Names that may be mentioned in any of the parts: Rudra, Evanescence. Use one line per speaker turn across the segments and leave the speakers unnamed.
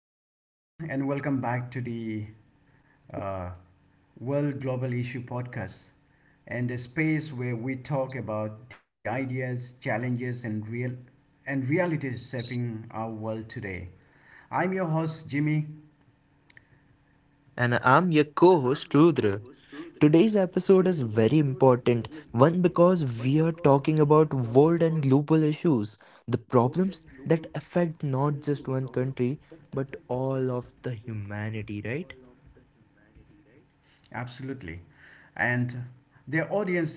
Hello, everyone, and welcome back to the uh, World Global Issue Podcast and a space where we talk about the ideas, challenges, and realities shaping our world today. I'm your host, Jimmy.
And I'm your co host, Rudra. Today's episode is very important, one because we are talking about world and global issues, the problems that affect not just one country, but all of the humanity, right?
Absolutely. And their audience,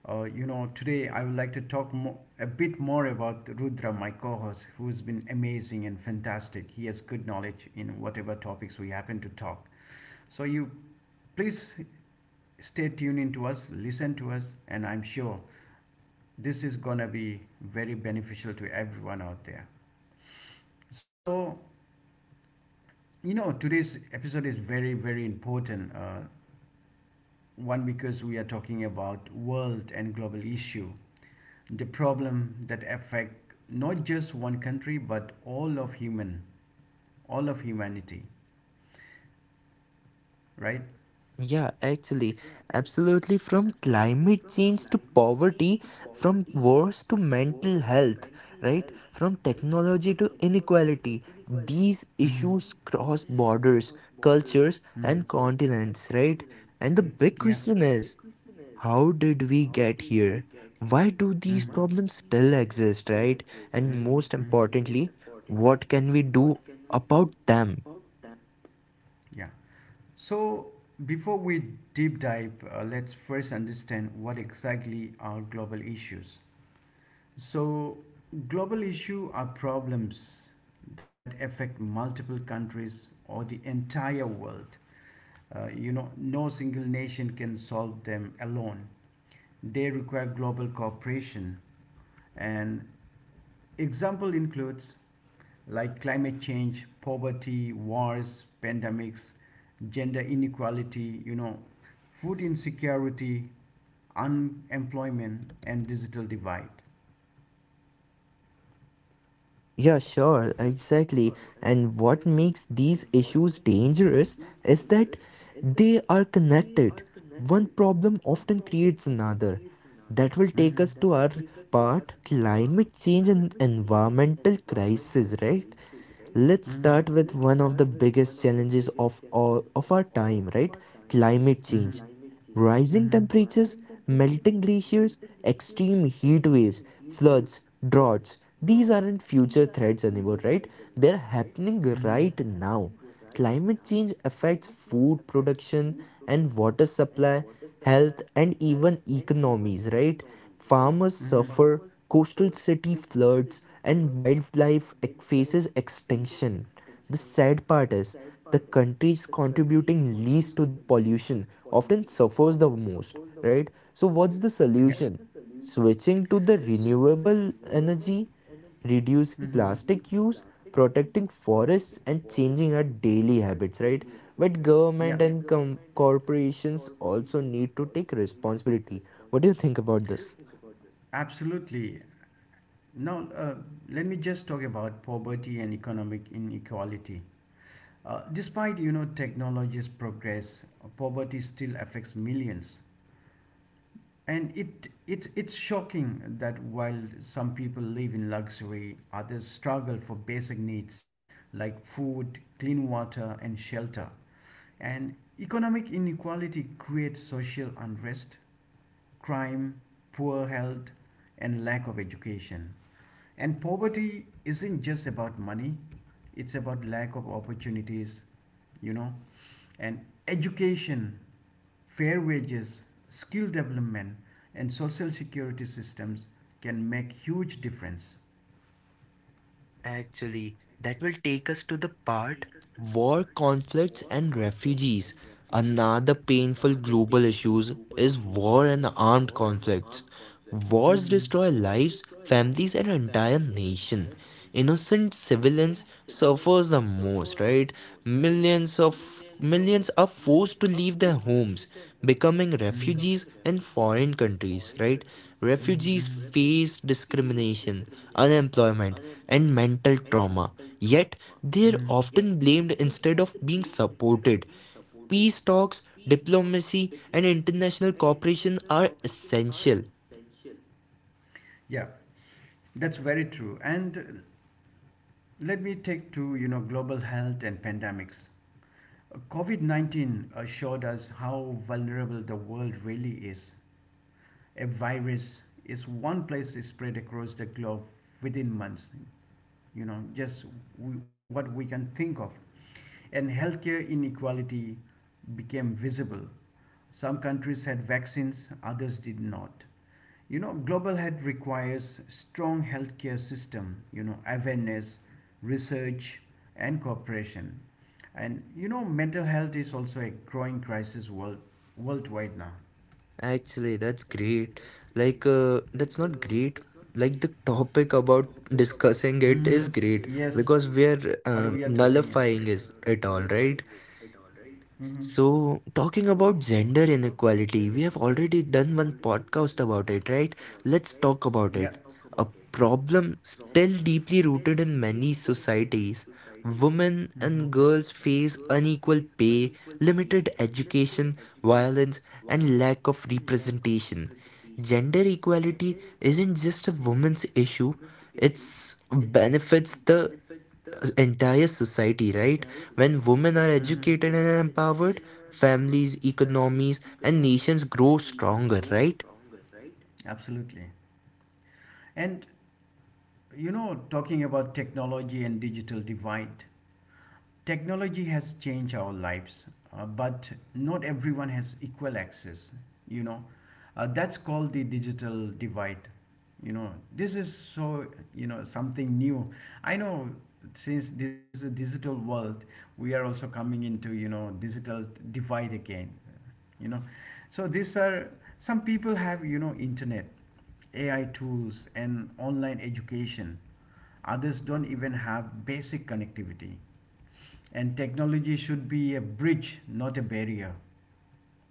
today I would like to talk a bit more about Rudra, my co host, who's been amazing and fantastic. He has good knowledge in whatever topics we happen to talk. So, you please stay tuned in to us, listen to us, and I'm sure this is going to be very beneficial to everyone out there. So, today's episode is very, very important. One, because we are talking about world and global issue, the problem that affect not just one country but all of humanity, right?
Yeah, actually, absolutely. From climate change to
Climate.
poverty, from wars to mental health, right? From technology to inequality, these issues
Mhm.
cross borders, cultures,
Mm.
and continents, right? And the
Mm.
big
Yeah.
question is, how did we get here? Why do these
Mhm.
problems still exist, right? And
Mm.
most
Mm.
importantly, what can we do about them?
Yeah. So, before we deep dive, let's first understand what exactly are global issues. So, global issues are problems that affect multiple countries or the entire world. No single nation can solve them alone. They require global cooperation, and example includes like climate change, poverty, wars, pandemics, gender inequality, food insecurity, unemployment, and digital divide.
Yeah, sure, exactly. And what makes these issues dangerous is that they are connected. One problem often creates another. That will take
Mhm.
us to our part climate change and environmental crisis, right? Let's
Mhm.
start with one of the biggest challenges of all of our time, right? Climate
Mhm.
change. Rising
Mhm.
temperatures, melting glaciers, extreme heat waves, floods, droughts. These aren't future threats anymore, right? They're happening right now. Climate change affects food production and water supply, health, and even economies, right? Farmers suffer, coastal city floods, and wildlife faces extinction. The sad part is the countries contributing least to the pollution often suffers the most, right? So what's the solution? Switching to the renewable energy, reducing plastic use, protecting forests and changing our daily habits, right? But government and corporations also need to take responsibility. What do you think about this?
Absolutely. Now, let me just talk about poverty and economic inequality. Despite you know technology's progress, poverty still affects millions, and it's shocking that while some people live in luxury, others struggle for basic needs like food, clean water, and shelter. And economic inequality creates social unrest, crime, poor health, and lack of education. And poverty isn't just about money; it's about lack of opportunities you know and education, fair wages, skill development, and social security systems can make huge difference.
Actually, that will take us to the part war, conflicts, and refugees. Another painful global issues is war and armed conflicts. Wars
Mhm.
destroy lives, families, and entire nation. Innocent civilians suffers the most, right? Millions of millions are forced to leave their homes, becoming refugees in foreign countries, right? Refugees face discrimination, unemployment and mental trauma, yet they're
Mm.
often blamed instead of being supported. Peace talks, diplomacy, and international cooperation are essential.
Yeah, that's very true. And let me take to, global health and pandemics. COVID 19 showed us how vulnerable the world really is. A virus is one place is spread across the globe within months, you know just what we can think of. And healthcare inequality became visible. Some countries had vaccines, others did not. Global health requires strong healthcare system, awareness, research, and cooperation. And mental health is also a growing crisis worldwide now.
Actually, that's great. Like, that's not great. Like, the topic about discussing it
Hmm.
is great
Yes,
because we are
what we are talking is great.
nullifying is it all, right?
Mm-hmm.
So, talking about gender inequality, we have already done one podcast about it, right? Let's talk about
Yeah.
it. A problem still deeply rooted in many societies. Women and
Mm-hmm.
girls face unequal pay, limited education, violence, and lack of representation. Gender equality isn't just a woman's issue, it benefits the entire society, right? When women are
Mhm.
educated and empowered, families, economies, and nations grow stronger, right?
Absolutely. And talking about technology and digital divide, technology has changed our lives, but not everyone has equal access. You know, that's called the digital divide. This is something new. I know since this is a digital world, we are also coming into digital divide again. You know, so these are some people have internet, AI tools, and online education. Others don't even have basic connectivity, and technology should be a bridge, not a barrier.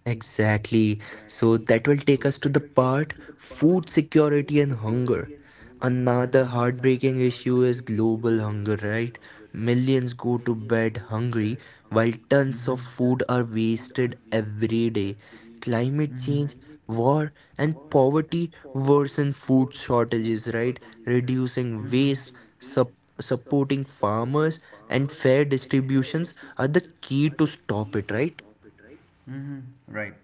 Exactly. So that will take us to the part food security and hunger. Another
Mhm.
heartbreaking issue is global hunger, right? Millions go to bed hungry while tons of
Mhm.
food are wasted every day. Climate
Mhm.
change, war, and poverty worsen food shortages, right? Reducing
Mhm.
waste, sup supporting farmers, and fair distributions are the key to stop it, right?
Hmm. Right.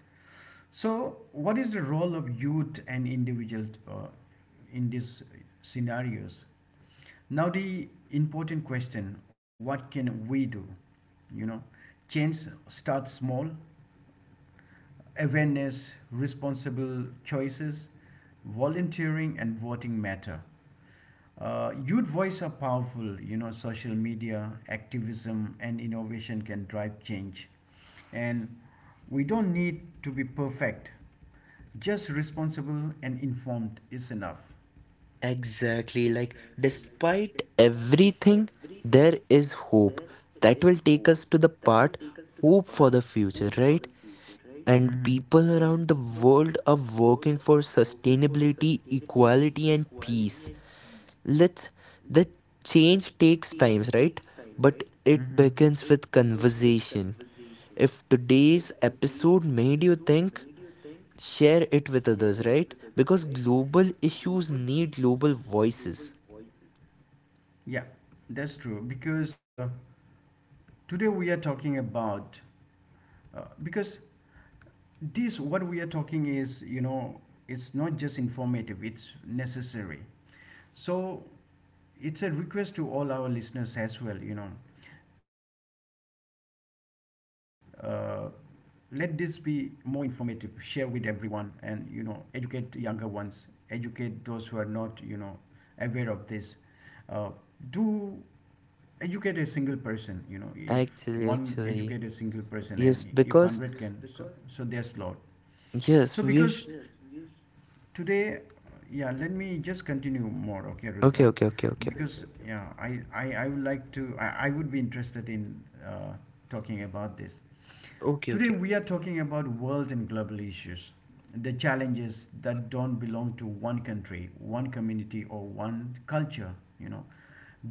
So, what is the role of youth and individuals in these scenarios? Now, the important question: what can we do? You know, change starts small: awareness, responsible choices, volunteering, and voting matter. Youth voice are powerful. Social media, activism, and innovation can drive change. And we don't need to be perfect. Just responsible and informed is enough.
Exactly. Like, despite everything, there is hope. That will take us to the part hope for the future, right? And
Mhm.
people around the world are working for sustainability, equality, and peace. Let's, the change takes times, right? But it
Hmm.
begins with conversation. If today's episode made you think, share it with others, right? Because global issues need global voices.
Yeah, that's true. Because today we are talking about, because this what we are talking is, it's not just informative, it's necessary. So it's a request to all our listeners as well. Uh, let this be more informative, share with everyone, and educate younger ones, educate those who are not aware of this. Uh, do educate a single person. You know if
Actually,
one educate a
actually,
single person,
yes,
and if
because
100 can, so, so there's lot
yes,
so because today yeah let me just continue more, okay
okay,
Rudra. Sure, because yeah i I would like to, I would be interested in uh, talking about this.
okay,
Today
okay.
we are talking about world and global issues, the challenges that don't belong to one country, one community, or one culture. you know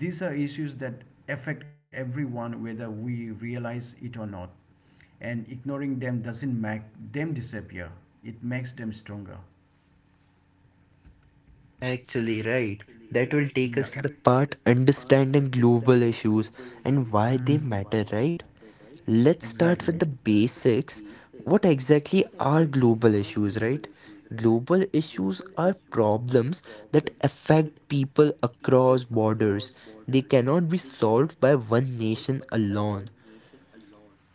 these are issues that affect everyone whether we realize it or not, and ignoring them doesn't make them disappear, it makes them stronger.
Actually, right. That will take us to the part understanding global issues and why they matter, right? Let's start
Exactly.
with the basics. What exactly are global issues, right? Global issues are problems that affect people across borders. They cannot be solved by one nation alone.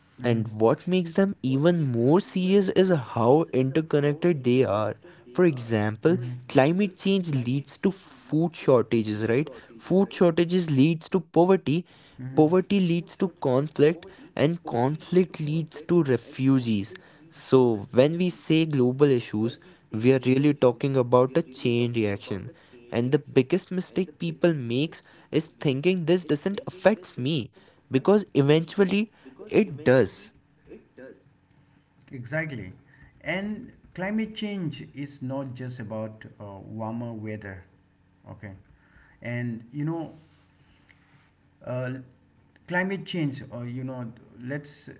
Hmm.
And what makes them even more serious is how interconnected they are. For example, climate change leads to food shortages, right? Food shortages leads to poverty, poverty leads to conflict, and conflict leads to refugees. So, when we say global issues, we are really talking about a chain reaction. And the biggest mistake people makes is thinking this doesn't affect me because eventually it does.
Exactly. And climate change is not just about warmer weather. Okay. And uh, climate change, or let's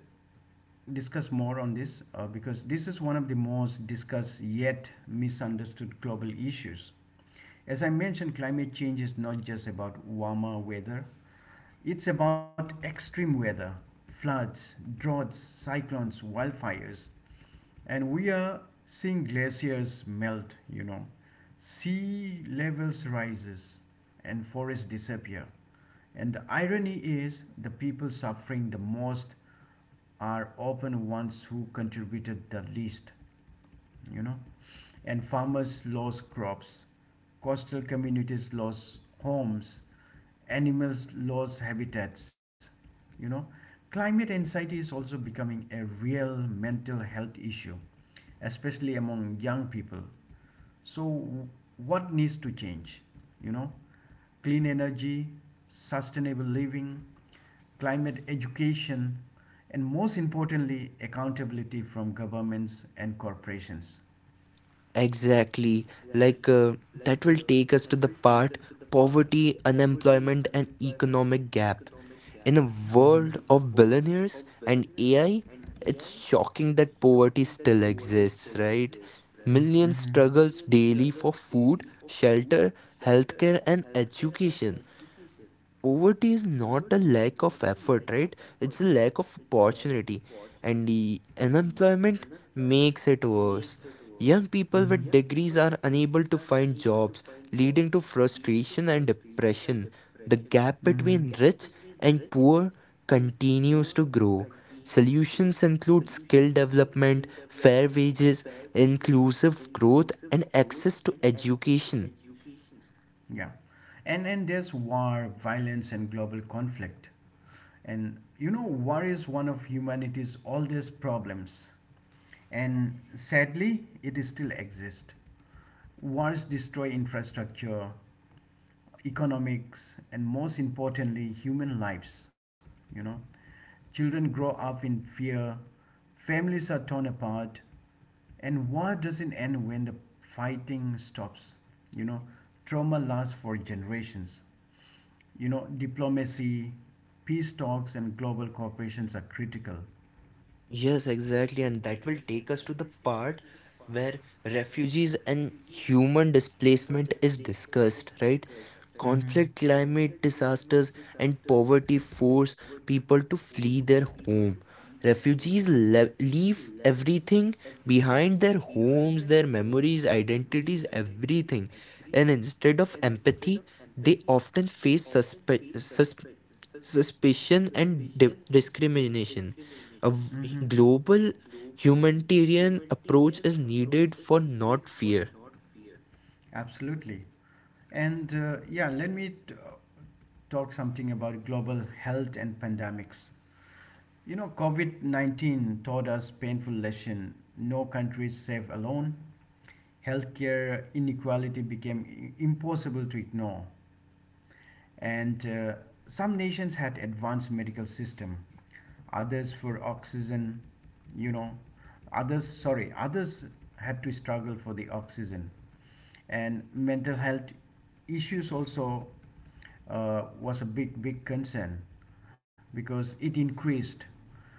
discuss more on this because this is one of the most discussed yet misunderstood global issues. As I mentioned, climate change is not just about warmer weather, it's about extreme weather, floods, droughts, cyclones, wildfires. And we are seeing glaciers melt, sea levels rises, and forests disappear. And the irony is the people suffering the most are often ones who contributed the least. you know and farmers lost crops, coastal communities lost homes, animals lost habitats. you know climate anxiety is also becoming a real mental health issue, especially among young people. So what needs to change? you know clean energy, sustainable living, climate education, and most importantly accountability from governments and corporations.
Exactly. Like, that will take us to the part poverty, unemployment, and economic gap. In a
Mhm.
world of billionaires and AI, it's shocking that poverty still exists, right? Millions struggles
Mm-hmm.
daily for food, shelter, healthcare, and education. Poverty is not a lack of effort, right? It's a lack of opportunity, and the unemployment makes it worse. Young people with degrees are unable to find jobs, leading to frustration and depression. The gap between rich and poor continues to grow. Solutions include skill development, fair wages, inclusive growth and access to education.
Yeah. And then there's war, violence, and global conflict. And war is one of humanity's oldest problems, and sadly, it still exists. Wars destroy infrastructure, economics, and most importantly, human lives. You know, children grow up in fear, families are torn apart, and war doesn't end when the fighting stops. You know, trauma lasts for generations. Diplomacy, peace talks, and global cooperations are critical.
Yes, exactly. And that will take us to the part where refugees and human displacement is discussed, right? Conflict, climate disasters, and poverty force people to flee their home. Refugees le leave everything behind their homes, their memories, identities, everything. And instead of empathy, they often face suspe sus suspicion and di discrimination. A v-
Hmm.
Global
Hmm.
humanitarian approach is needed for not fear.
Absolutely. And yeah, talk something about global health and pandemics. COVID 19 taught us painful lesson. No country is safe alone. Healthcare inequality became impossible to ignore. And some nations had advanced medical system, others for oxygen, you know, others, sorry, others had to struggle for the oxygen. And mental health issues also was a big, big concern because it increased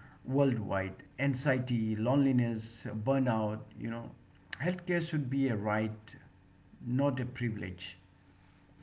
worldwide anxiety, loneliness, burnout. Healthcare should be a right, not a privilege.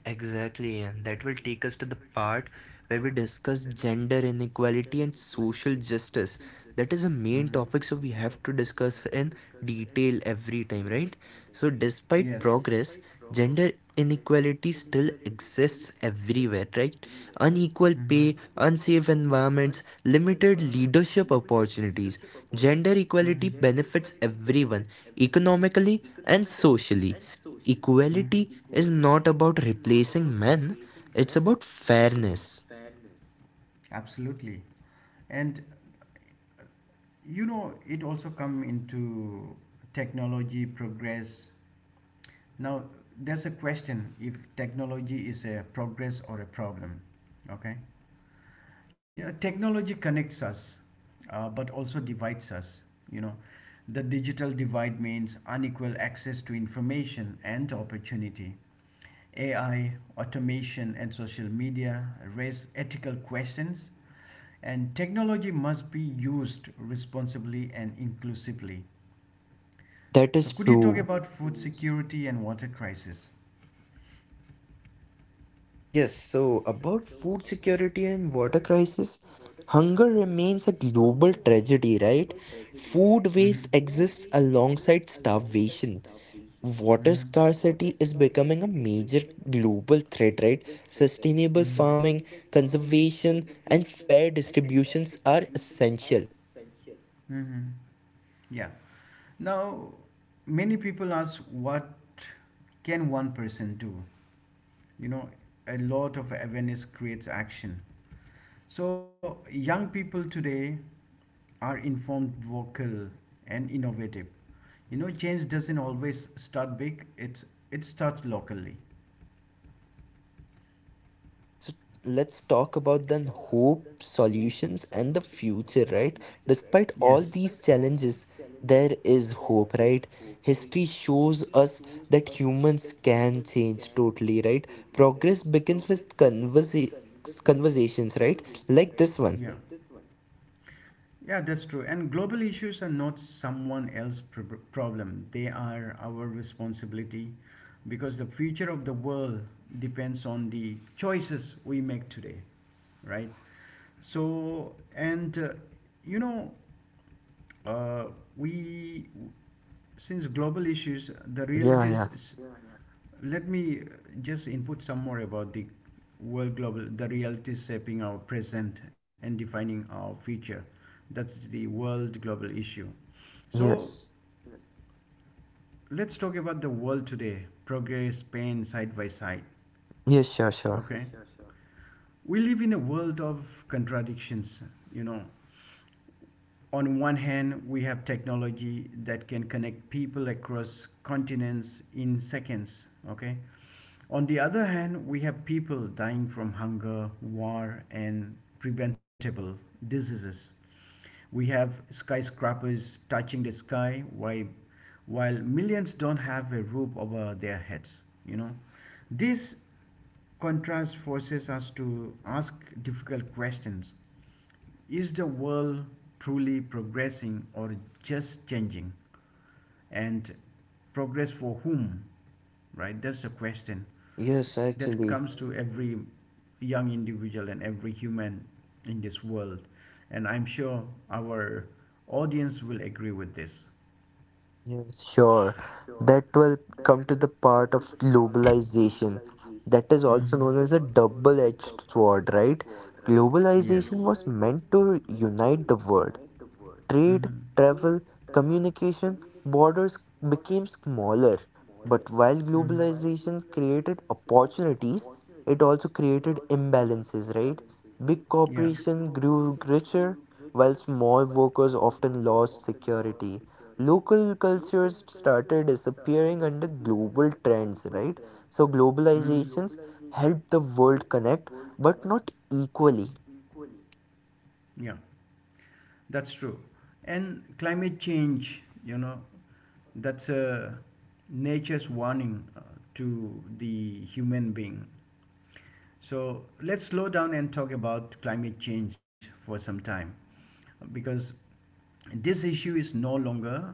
Exactly, and that will take us to the part where we discuss gender inequality and social justice. That is a main
Mhm.
topic, so we have to discuss in detail every time, right? So, despite
Yes.
progress, gender inequality still exists everywhere, right? Unequal pay, unsafe environments, limited
Mhm.
leadership opportunities. Gender equality
Mhm.
benefits everyone economically and socially.
Mm,
Equality is not about replacing men, it's about fairness.
absolutely. And it also come into technology progress. Now, there's a question if technology is a progress or a problem. Okay? Technology connects us, but also divides us. You know, the digital divide means unequal access to information and opportunity. AI, automation, and social media raise ethical questions, and technology must be used responsibly and inclusively.
That
So,
is
could you talk
true.
about food security and water crisis?
Yes, so about food security and water crisis, hunger remains a global tragedy, right? Food waste
Mm-hmm.
exists alongside starvation. Water
Mm-hmm.
scarcity is becoming a major global threat, right? Sustainable farming, conservation, and fair distributions are essential.
Mm-hmm. Yeah.
So.
Now, many people ask, what can one person do? You know, a lot of awareness creates action. So, young people today are informed, vocal, and innovative. Change doesn't always start big, it starts locally.
So let's talk about then hope, solutions, and the future, right? Despite all
Yes.
these challenges, there is hope, right? History shows us that humans can change totally, right? Progress begins with conversations, right? Like this one.
Yeah. Yeah, that's true. And global issues are not someone else's problem. They are our responsibility because the future of the world depends on the choices we make today, right? So, and you know, uh, we since global issues, the
Yeah,
realities.
yeah.
Let me just input some more about the world global, the realities shaping our present and defining our future. That's the world global issue. So
Yes.
let's talk about the world today. Progress, pain, side by side.
Yes, sure, sure.
Okay. We live in a world of contradictions. you know, on one hand, we have technology that can connect people across continents in seconds, okay? On the other hand, we have people dying from hunger, war, and preventable diseases. We have skyscrapers touching the sky while millions don't have a roof over their heads, you know? This contrast forces us to ask difficult questions. Is the world truly progressing or just changing? And progress for whom? Right? That's the question
Yes,
that
actually.
comes to every young individual and every human in this world. And I'm sure our audience will agree with this.
Yes, sure. That will come to the part of globalization. That is also
Mhm.
known as
Is.
a double-edged sword, right?
Yes.
Globalization was meant to unite the world. Trade,
Mhm.
travel, communication, borders became smaller. But while
Mhm.
globalization created opportunities, it also created imbalances, right? Big
Yeah.
corporations grew richer, while small workers often lost security. Local cultures started disappearing under global trends, right? So globalizations helped the world connect, but not equally.
Yeah. That's true. And climate change, that's nature's warning to the human being. So let's slow down and talk about climate change for some time because this issue is no longer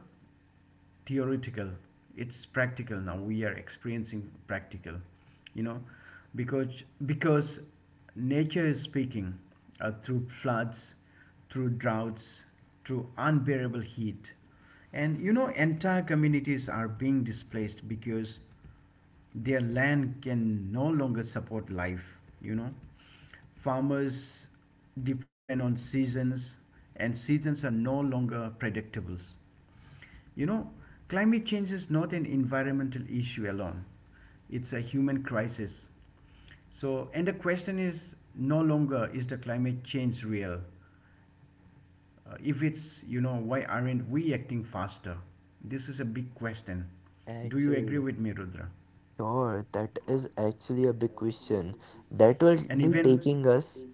theoretical, it's practical. Now we are experiencing practical, you know because nature is speaking through floods, through droughts, through unbearable heat. And entire communities are being displaced because their land can no longer support life. Farmers depend on seasons, and seasons are no longer predictables. you know, climate change is not an environmental issue alone, it's a human crisis. So, and the question is no longer: is the climate change real? If it's, why aren't we acting faster? This is a big question. Do you agree
Actually.
with me, Rudra?
Sure, that is actually a big question. That will
And
be
even,
taking us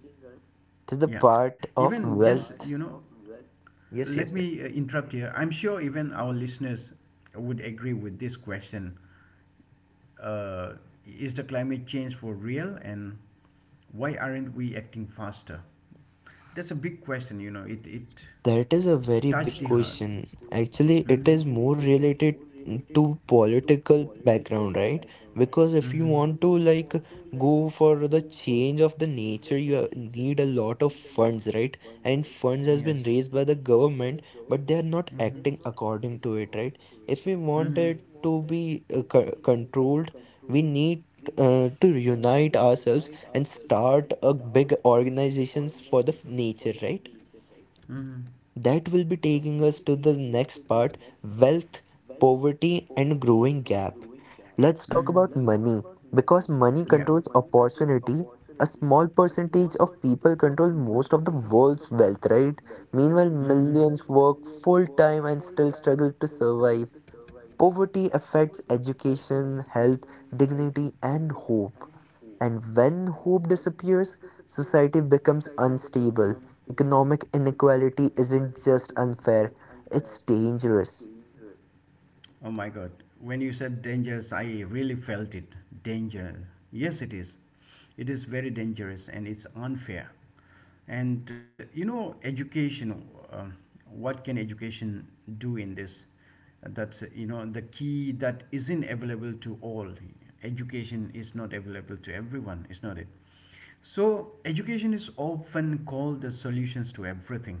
to the
yeah,
part
even
of
just, you
wealth.
know, let
Yes, yes, yes.
me interrupt here. I'm sure even our listeners would agree with this question. Uh, is the climate change for real and why aren't we acting faster? That's a big question, it
That is a very
touched
big
the heart.
question. Actually, it
Hmm.
is more related to political background, right? Because if you
Hmm.
want to like go for the change of the nature, you need a lot of funds, right? And funds has been
Yes.
raised by the government, but they are not
Hmm.
acting according to it, right? If we want
Hmm.
it to be controlled, we need to unite ourselves and start a big organizations for the nature, right?
Mm-hmm.
That will be taking us to the next part wealth, poverty, and growing gap. Let's talk
Mm-hmm.
about money because money controls opportunity. A small percentage of people control most of the world's wealth, right? Meanwhile, millions work full time and still struggle to survive. Poverty affects education, health, dignity, and hope. And when hope disappears, society becomes unstable. Economic inequality isn't just unfair, it's dangerous.
Oh my God. When you said dangerous, I really felt it. Danger. Yes, it is. It is very dangerous and it's unfair. And education, um, what can education do in this? That's, the key that isn't available to all. Education is not available to everyone, is not it? So, education is often called the solutions to everything.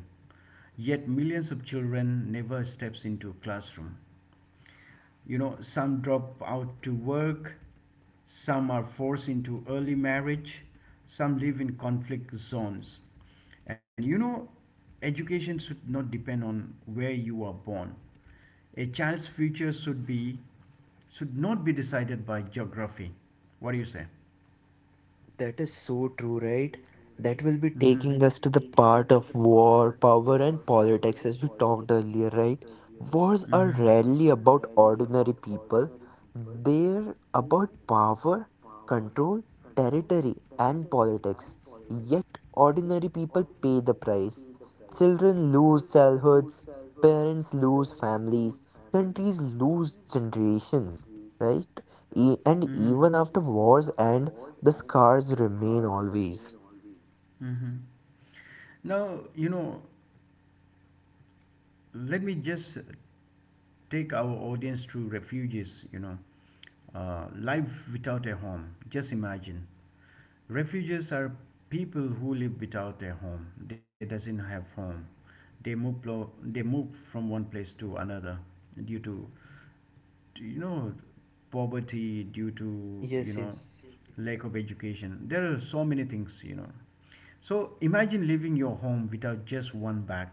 Yet millions of children never steps into a classroom. Some drop out to work, some are forced into early marriage, some live in conflict zones. And education should not depend on where you are born. A child's future should not be decided by geography. What do you say?
That is so true, right? That will be
Mm-hmm.
taking us to the part of war, power, and politics as we talked earlier, right? Wars are
Mm-hmm.
rarely about ordinary people, they're about power, control, territory, and politics. Yet, ordinary people pay the price. Children lose childhoods, parents lose families, countries lose generations, right? And even after wars end, the scars remain always.
Mm-hmm. Now, let me just take our audience to refuges. Life without a home. Just imagine, refugees are people who live without a home. They doesn't have home. They move from one place to another due to, you know poverty, due to,
Yes, yes.
lack of education. There are so many things, so imagine leaving your home without just one bag,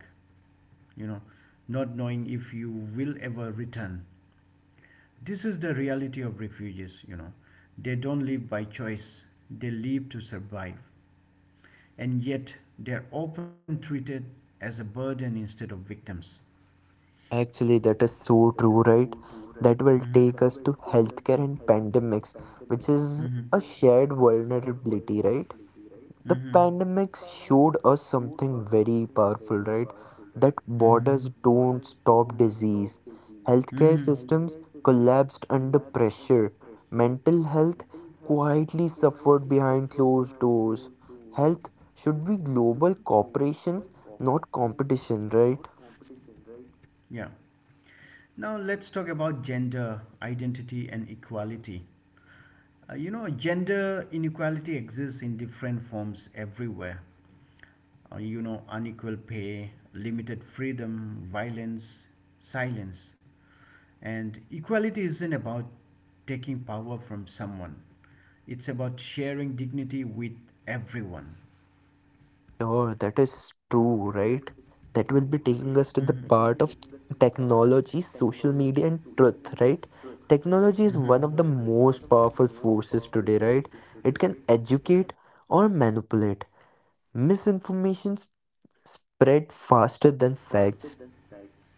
you know, not knowing if you will ever return. This is the reality of refugees, They don't live by choice, they live to survive. And yet, they are often treated as a burden instead of victims.
Actually, that is so true, right? That will take us
Hmm.
to healthcare and pandemics, which is
Hmm.
a shared vulnerability, right? The
Hmm.
pandemic showed us something very powerful, right? That
Hmm.
borders don't stop disease. Healthcare
Hmm.
systems collapsed under pressure. Mental health quietly suffered behind closed doors. Health should be global cooperation, not competition, right?
Yeah. Now let's talk about gender identity and equality. Gender inequality exists in different forms everywhere. Unequal pay, limited freedom, violence, silence. And equality isn't about taking power from someone, it's about sharing dignity with everyone.
Sure, that is true, right? That will be taking us
Hmm.
to the part of technology, social media, and truth, right? Technology is one of the
Hmm.
most powerful forces today, right? It can educate or manipulate. Misinformation spread faster than facts.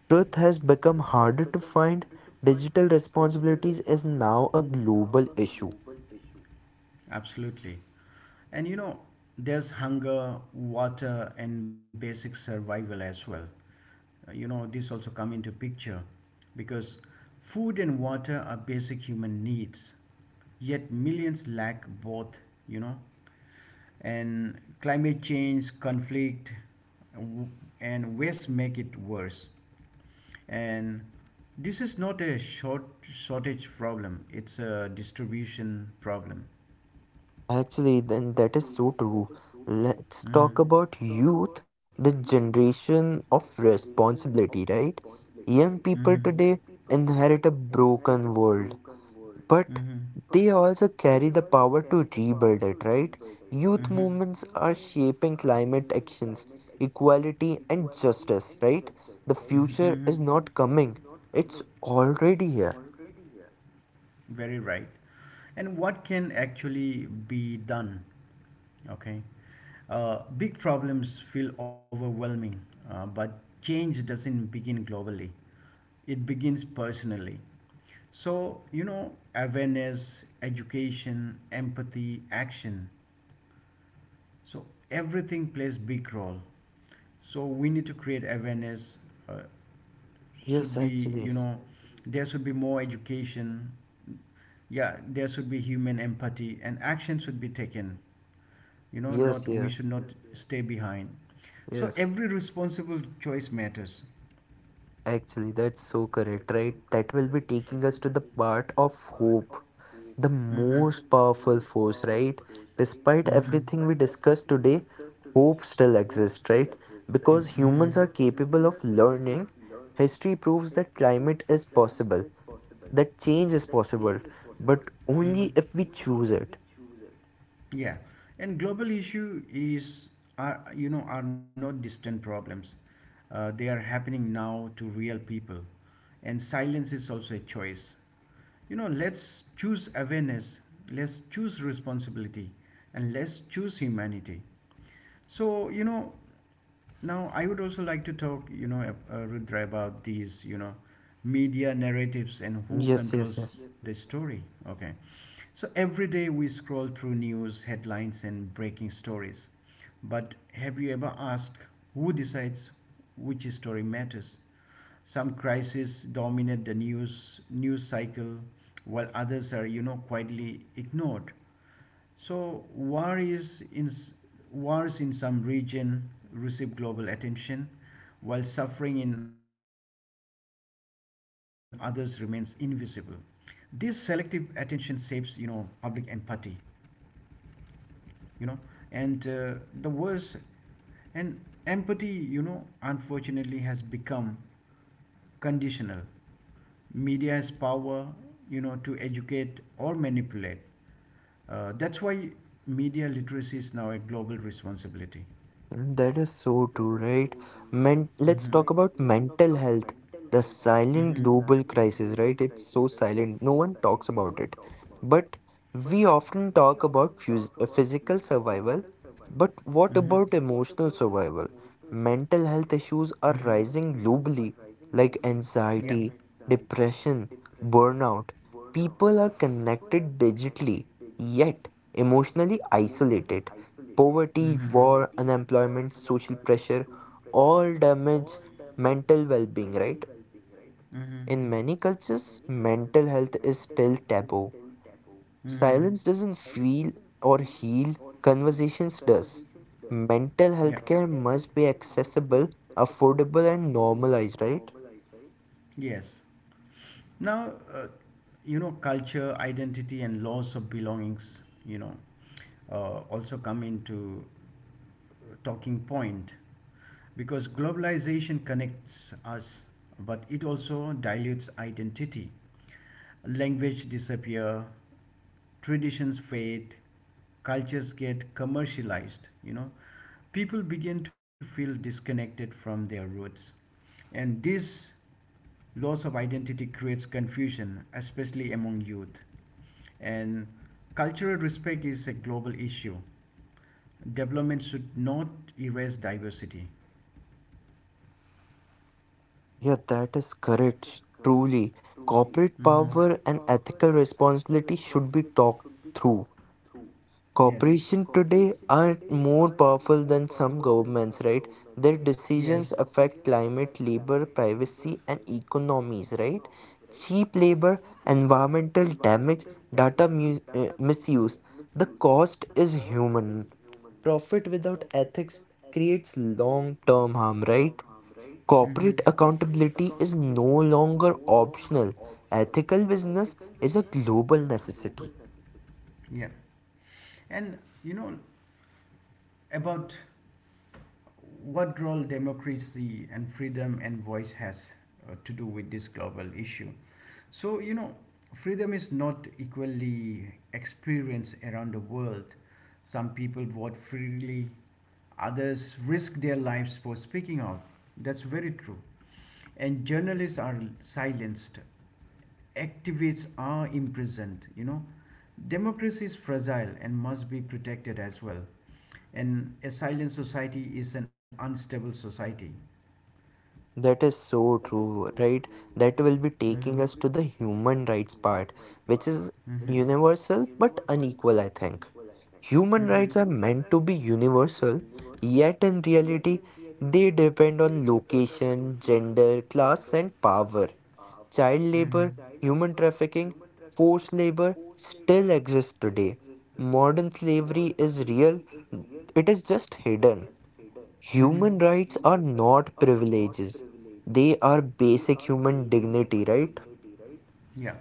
Truth has become harder to find. Digital responsibilities is now a global issue.
Absolutely. And there's hunger, water, and basic survival as well. This also come into picture because food and water are basic human needs, yet millions lack both, you know and climate change, conflict w- and waste make it worse. And this is not a shortage problem, it's a distribution problem.
Actually, then that is so true. Let's talk about youth, the generation of responsibility, right? Young people
Mm-hmm.
today inherit a broken world, but
Mm-hmm.
they also carry the power to rebuild it, right? Youth movements are shaping climate actions, equality, and justice, right? The future is not coming, it's already here.
Very right. And what can actually be done? Okay. Big problems feel overwhelming, but change doesn't begin globally, it begins personally. So awareness, education, empathy, action, so everything plays big role. So we need to create awareness, uh,
Yes,
should be.
actually.
There should be more education. Yeah, there should be human empathy and action should be taken.
Yes,
Not, we
yes,
should not stay behind. So
yes.
every responsible choice matters.
Actually, that's so correct, right? That will be taking us to the part of hope, the
Mm-hmm.
most powerful force, right? Despite everything we discussed today, hope still
Mm-hmm.
exists, right? Because humans are
Mm-hmm.
capable of learning, history proves that climate is possible, that change is possible, but only
Mhm.
if we choose it.
Yeah, and global issue is are, are not distant problems. They are happening now to real people, and silence is also a choice. You know, let's choose awareness, let's choose responsibility, and let's choose humanity. So, you know, now, I would also like to talk, Rudra, about these, media narratives and who
Yes, yes,
controls
yes.
the yes. story. Okay. So every day we scroll through news, headlines, and breaking stories. But have you ever asked who decides which story matters? Some crises dominate the news cycle, while others are, quietly ignored. So war is in Wars in some region receive global attention while suffering in others remains invisible. This selective attention shapes, public empathy, you know, and the worst and empathy, unfortunately has become conditional. Media has power, to educate or manipulate. That's why media literacy is now a global responsibility.
That is so true, right? Men let's
Mhm.
talk about mental health, the silent
Mhm.
global crisis, right? It's so silent. No one talks about it. But we often talk about physical survival, but what
Mhm.
about emotional survival? Mental health issues
Mhm.
are rising globally, like anxiety, depression, burnout. People are connected digitally, yet emotionally isolated. Poverty,
Mhm.
war, unemployment, social pressure all damage mental well being, right?
Mhm.
In many cultures, mental health is still taboo.
Mhm. Yeah.
Silence doesn't feel or heal, conversations does. Mental health care must be accessible, affordable, and normalized, right?
Yes. Now, culture, identity, and loss of belongings, you know, also come into talking point because globalization connects us, but it also dilutes identity. Language disappear, traditions fade, cultures get commercialized, People begin to feel disconnected from their roots. And this loss of identity creates confusion, especially among youth. And cultural respect is a global issue. Development should not erase diversity.
Yeah, that is correct. Truly, corporate power and ethical responsibility should be talked through.
Yes.
Corporations today are more powerful than some governments, right? Their decisions affect climate, labor, privacy, and economies, right? Cheap labor, environmental damage, misuse. The cost is human. Profit without ethics creates long term harm, right?
Mm-hmm.
Corporate accountability is no longer optional. Ethical business is a global necessity.
System. Yeah. And you know about what role democracy and freedom and voice has to do with this global issue. So freedom is not equally experienced around the world. Some people vote freely, others risk their lives for speaking out. That's very true. And journalists are silenced, activists are imprisoned, Democracy is fragile and must be protected as well. An asylum society is an unstable society.
That is so true, right? That will be taking
Mm.
us to the human rights part, which is
Mhm.
universal but unequal, I think. Human rights
Mhm.
are meant to be universal, yet in reality, they depend on location, gender, class, and power. Child labor,
Mhm.
human trafficking, forced labor still exist today. Modern slavery is real, it is just hidden.
Mhm.
Human rights are not privileges. They are basic human dignity, right?
Yeah.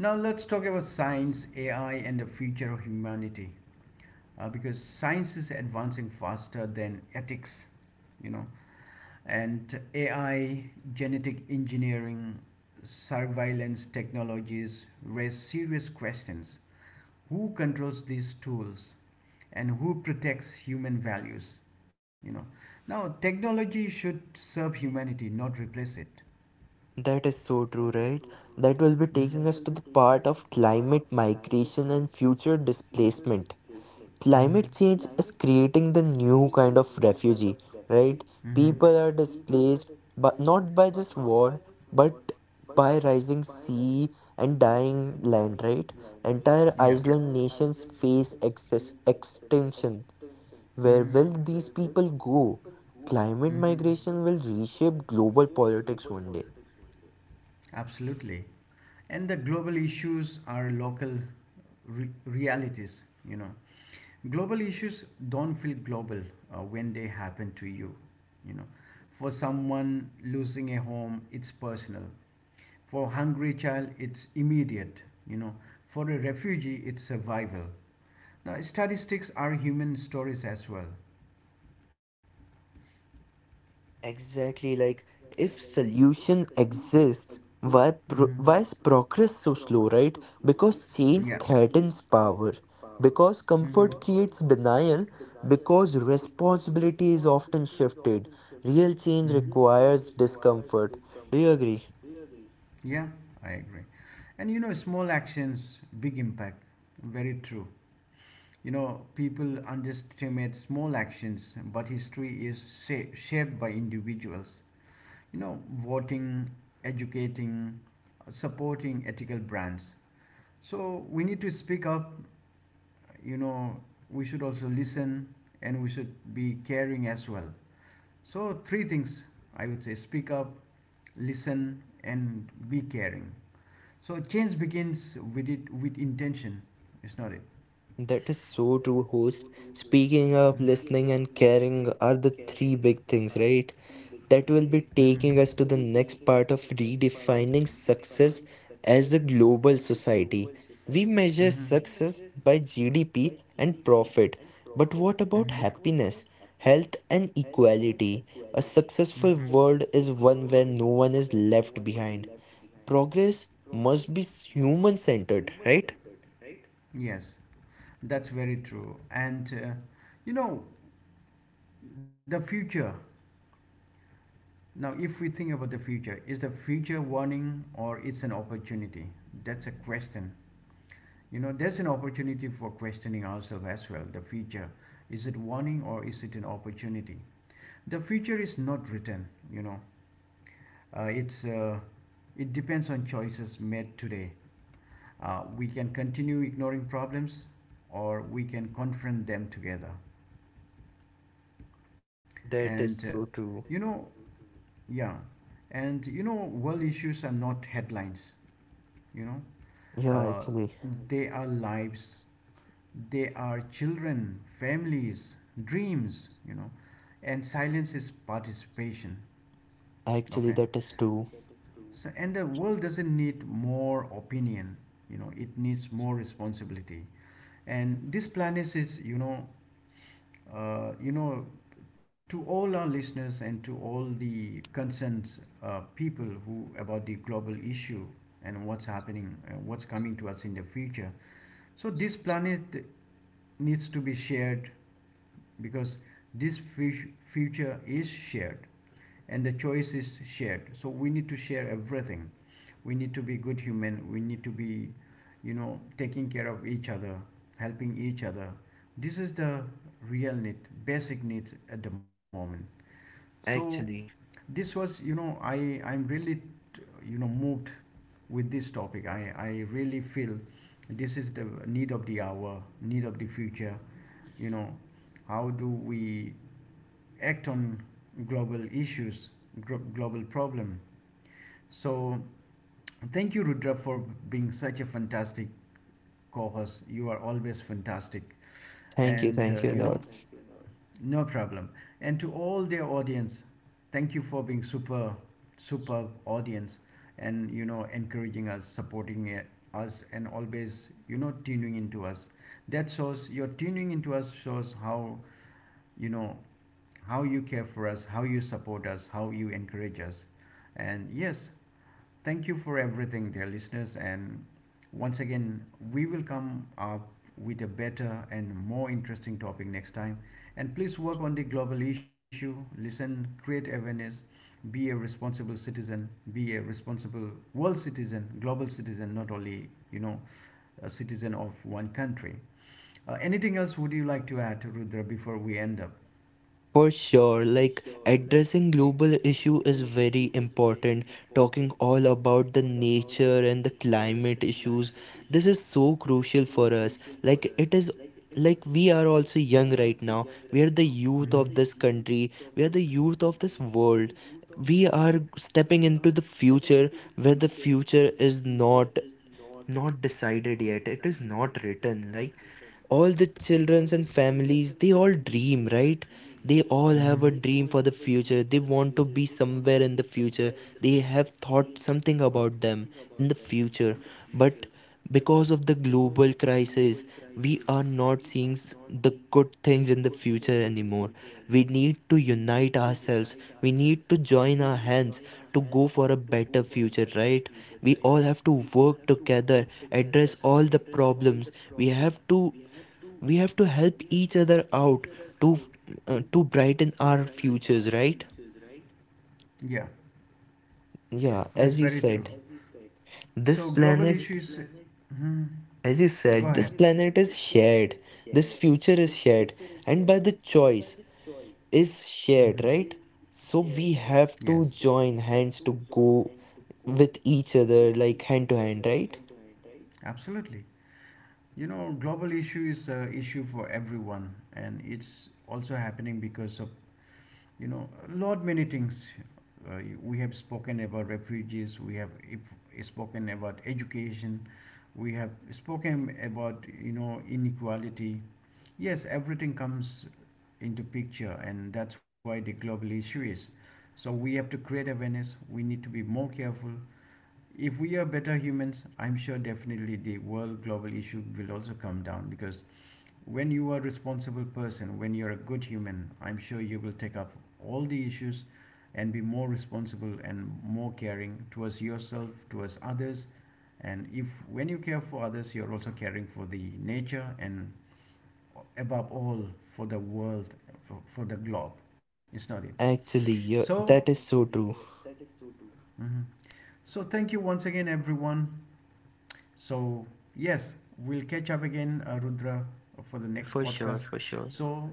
Now let's talk about science, AI, and the future of humanity. Because science is advancing faster than ethics, you know, and AI, genetic engineering, surveillance technologies raise serious questions. Who controls these tools and who protects human values? You know, now technology should serve humanity, not replace it.
That is so true, right?
Mhm.
That will be taking us to the part of climate migration and future displacement.
Mhm.
Climate change is creating the new kind of refugee, right?
Mm-hmm.
People are displaced, but not by just war, but by rising sea and dying land, right?
Yeah.
Entire
Island.
island nations face excess extinction. Where will these people go?
Mm-hmm.
Climate migration will reshape global politics one day.
Absolutely. And the global issues are local realities, Global issues don't feel global when they happen to you, you know. For someone losing a home, it's personal. For hungry child, it's immediate. You know, for a refugee, it's survival. Now, statistics are human stories as well.
Exactly, like if solution exists,
Mhm.
why is progress so slow, right?
Yeah.
Because change threatens power,
Mhm.
because comfort creates denial, because responsibility is often shifted. Real change
Mhm.
requires discomfort. Do you agree?
Yeah, I agree. And you know, small actions, big impact. Very true. You know, people underestimate small actions, but history is shaped by individuals. You know, voting, educating, supporting ethical brands. So we need to speak up. You know, we should also listen and we should be caring as well. So, three things I would say: speak up, listen, and be caring. So, change begins with it with intention, it's not it?
That is so true, host. Speaking up, listening, and caring are the three big things, right? That will be taking us to
Mm-hmm.
the next part of redefining success as a global society. We measure success
Mm-hmm.
by GDP and profit, but what about happiness, health, and equality? A successful world is one where no one is left behind. Progress must be human centered, right?
Yes, that's very true. And you know, the future. Now, if we think about the future, is the future warning or it's an opportunity? That's a question. You know, there's an opportunity for questioning ourselves as well. The future, is it warning or is it an opportunity? The future is not written. Uh, it's uh, it depends on choices made today. We can continue ignoring problems, or we can confront them together. And
That is so
you
true.
know, yeah, and you know, world issues are not headlines. You know,
Yeah,
uh,
actually,
they are lives. They are children, families, dreams, and silence is participation.
actually,
Okay.
that is true.
So, and the world doesn't need more opinion, it needs more responsibility. And this planet is, uh, you know, to all our listeners and to all the concerned people who about the global issue and what's happening, what's coming to us in the future. So this planet needs to be shared because this future is shared and the choice is shared, so we need to share everything. We need to be good human, we need to be, taking care of each other, helping each other. This is the real need, basic needs at the moment. So,
Actually,
this was, I'm really, moved with this topic. I really feel this is the need of the hour, need of the future. You know, how do we act on global issues, global problem? So thank you, Rudra, for being such a fantastic co-host. You are always fantastic, and
thank you, Lord.
no problem. And to all their audience, thank you for being super, super audience, and encouraging us, supporting us, and always tuning into us. That shows, your tuning into us shows how, you know how you care for us, how you support us, how you encourage us. And yes, thank you for everything, dear listeners. And once again, we will come up with a better and more interesting topic next time. And please work on the global issue, listen, create awareness, be a responsible citizen, be a responsible world citizen, global citizen, not only, a citizen of one country. Anything else would you like to add, Rudra, before we end up?
For sure, like addressing global issue is very important. Talking all about the nature and the climate issues, this is so crucial for us. Like it is like we are also young right now. We are the youth of this
Mhm.
country. We are the youth of this world. We are stepping into the future where the future is not decided yet, it is not written. Like all the childrens and families, they all dream, right? They all have a
Mhm.
dream for the future, they want to be somewhere in the future, they have thought something about them in the future. But because of the global crisis, we are not seeing the good things in the future anymore. We need to unite ourselves, we need to join our hands to go for a better future, right? We all have to work together, address all the problems. We have to help each other out to to brighten our futures, right?
Yeah,
Yeah,
that's
as you
very.
said, this
So.
planet
Mhm.
as you said, this planet is shared, this future is shared, and by the choice is
Mhm.
shared, right? So we have
Yes,
to join hands to go with each other, like hand to hand, right?
absolutely. You know, global issue is a issue for everyone, and it's also happening because of, a lot many things. Uh, we have spoken about refugees. We have if, spoken about education. We have spoken about, inequality. Yes, everything comes into picture, and that's why the global issue is. So we have to create awareness. We need to be more careful. If we are better humans, I'm sure definitely the world global issue will also come down because when you are a responsible person, when you're a good human, I'm sure you will take up all the issues and be more responsible and more caring towards yourself, towards others. And if when you care for others, you're also caring for the nature and above all for the world, for the globe. It's not it.
Actually, yeah,
So,
that is so true.
mhm. So thank you once again, everyone. So, yes, we'll catch up again, Rudra, for the next
For sure,
podcast.
for sure.
So,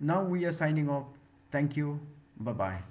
now we are signing off. Thank you. Bye bye.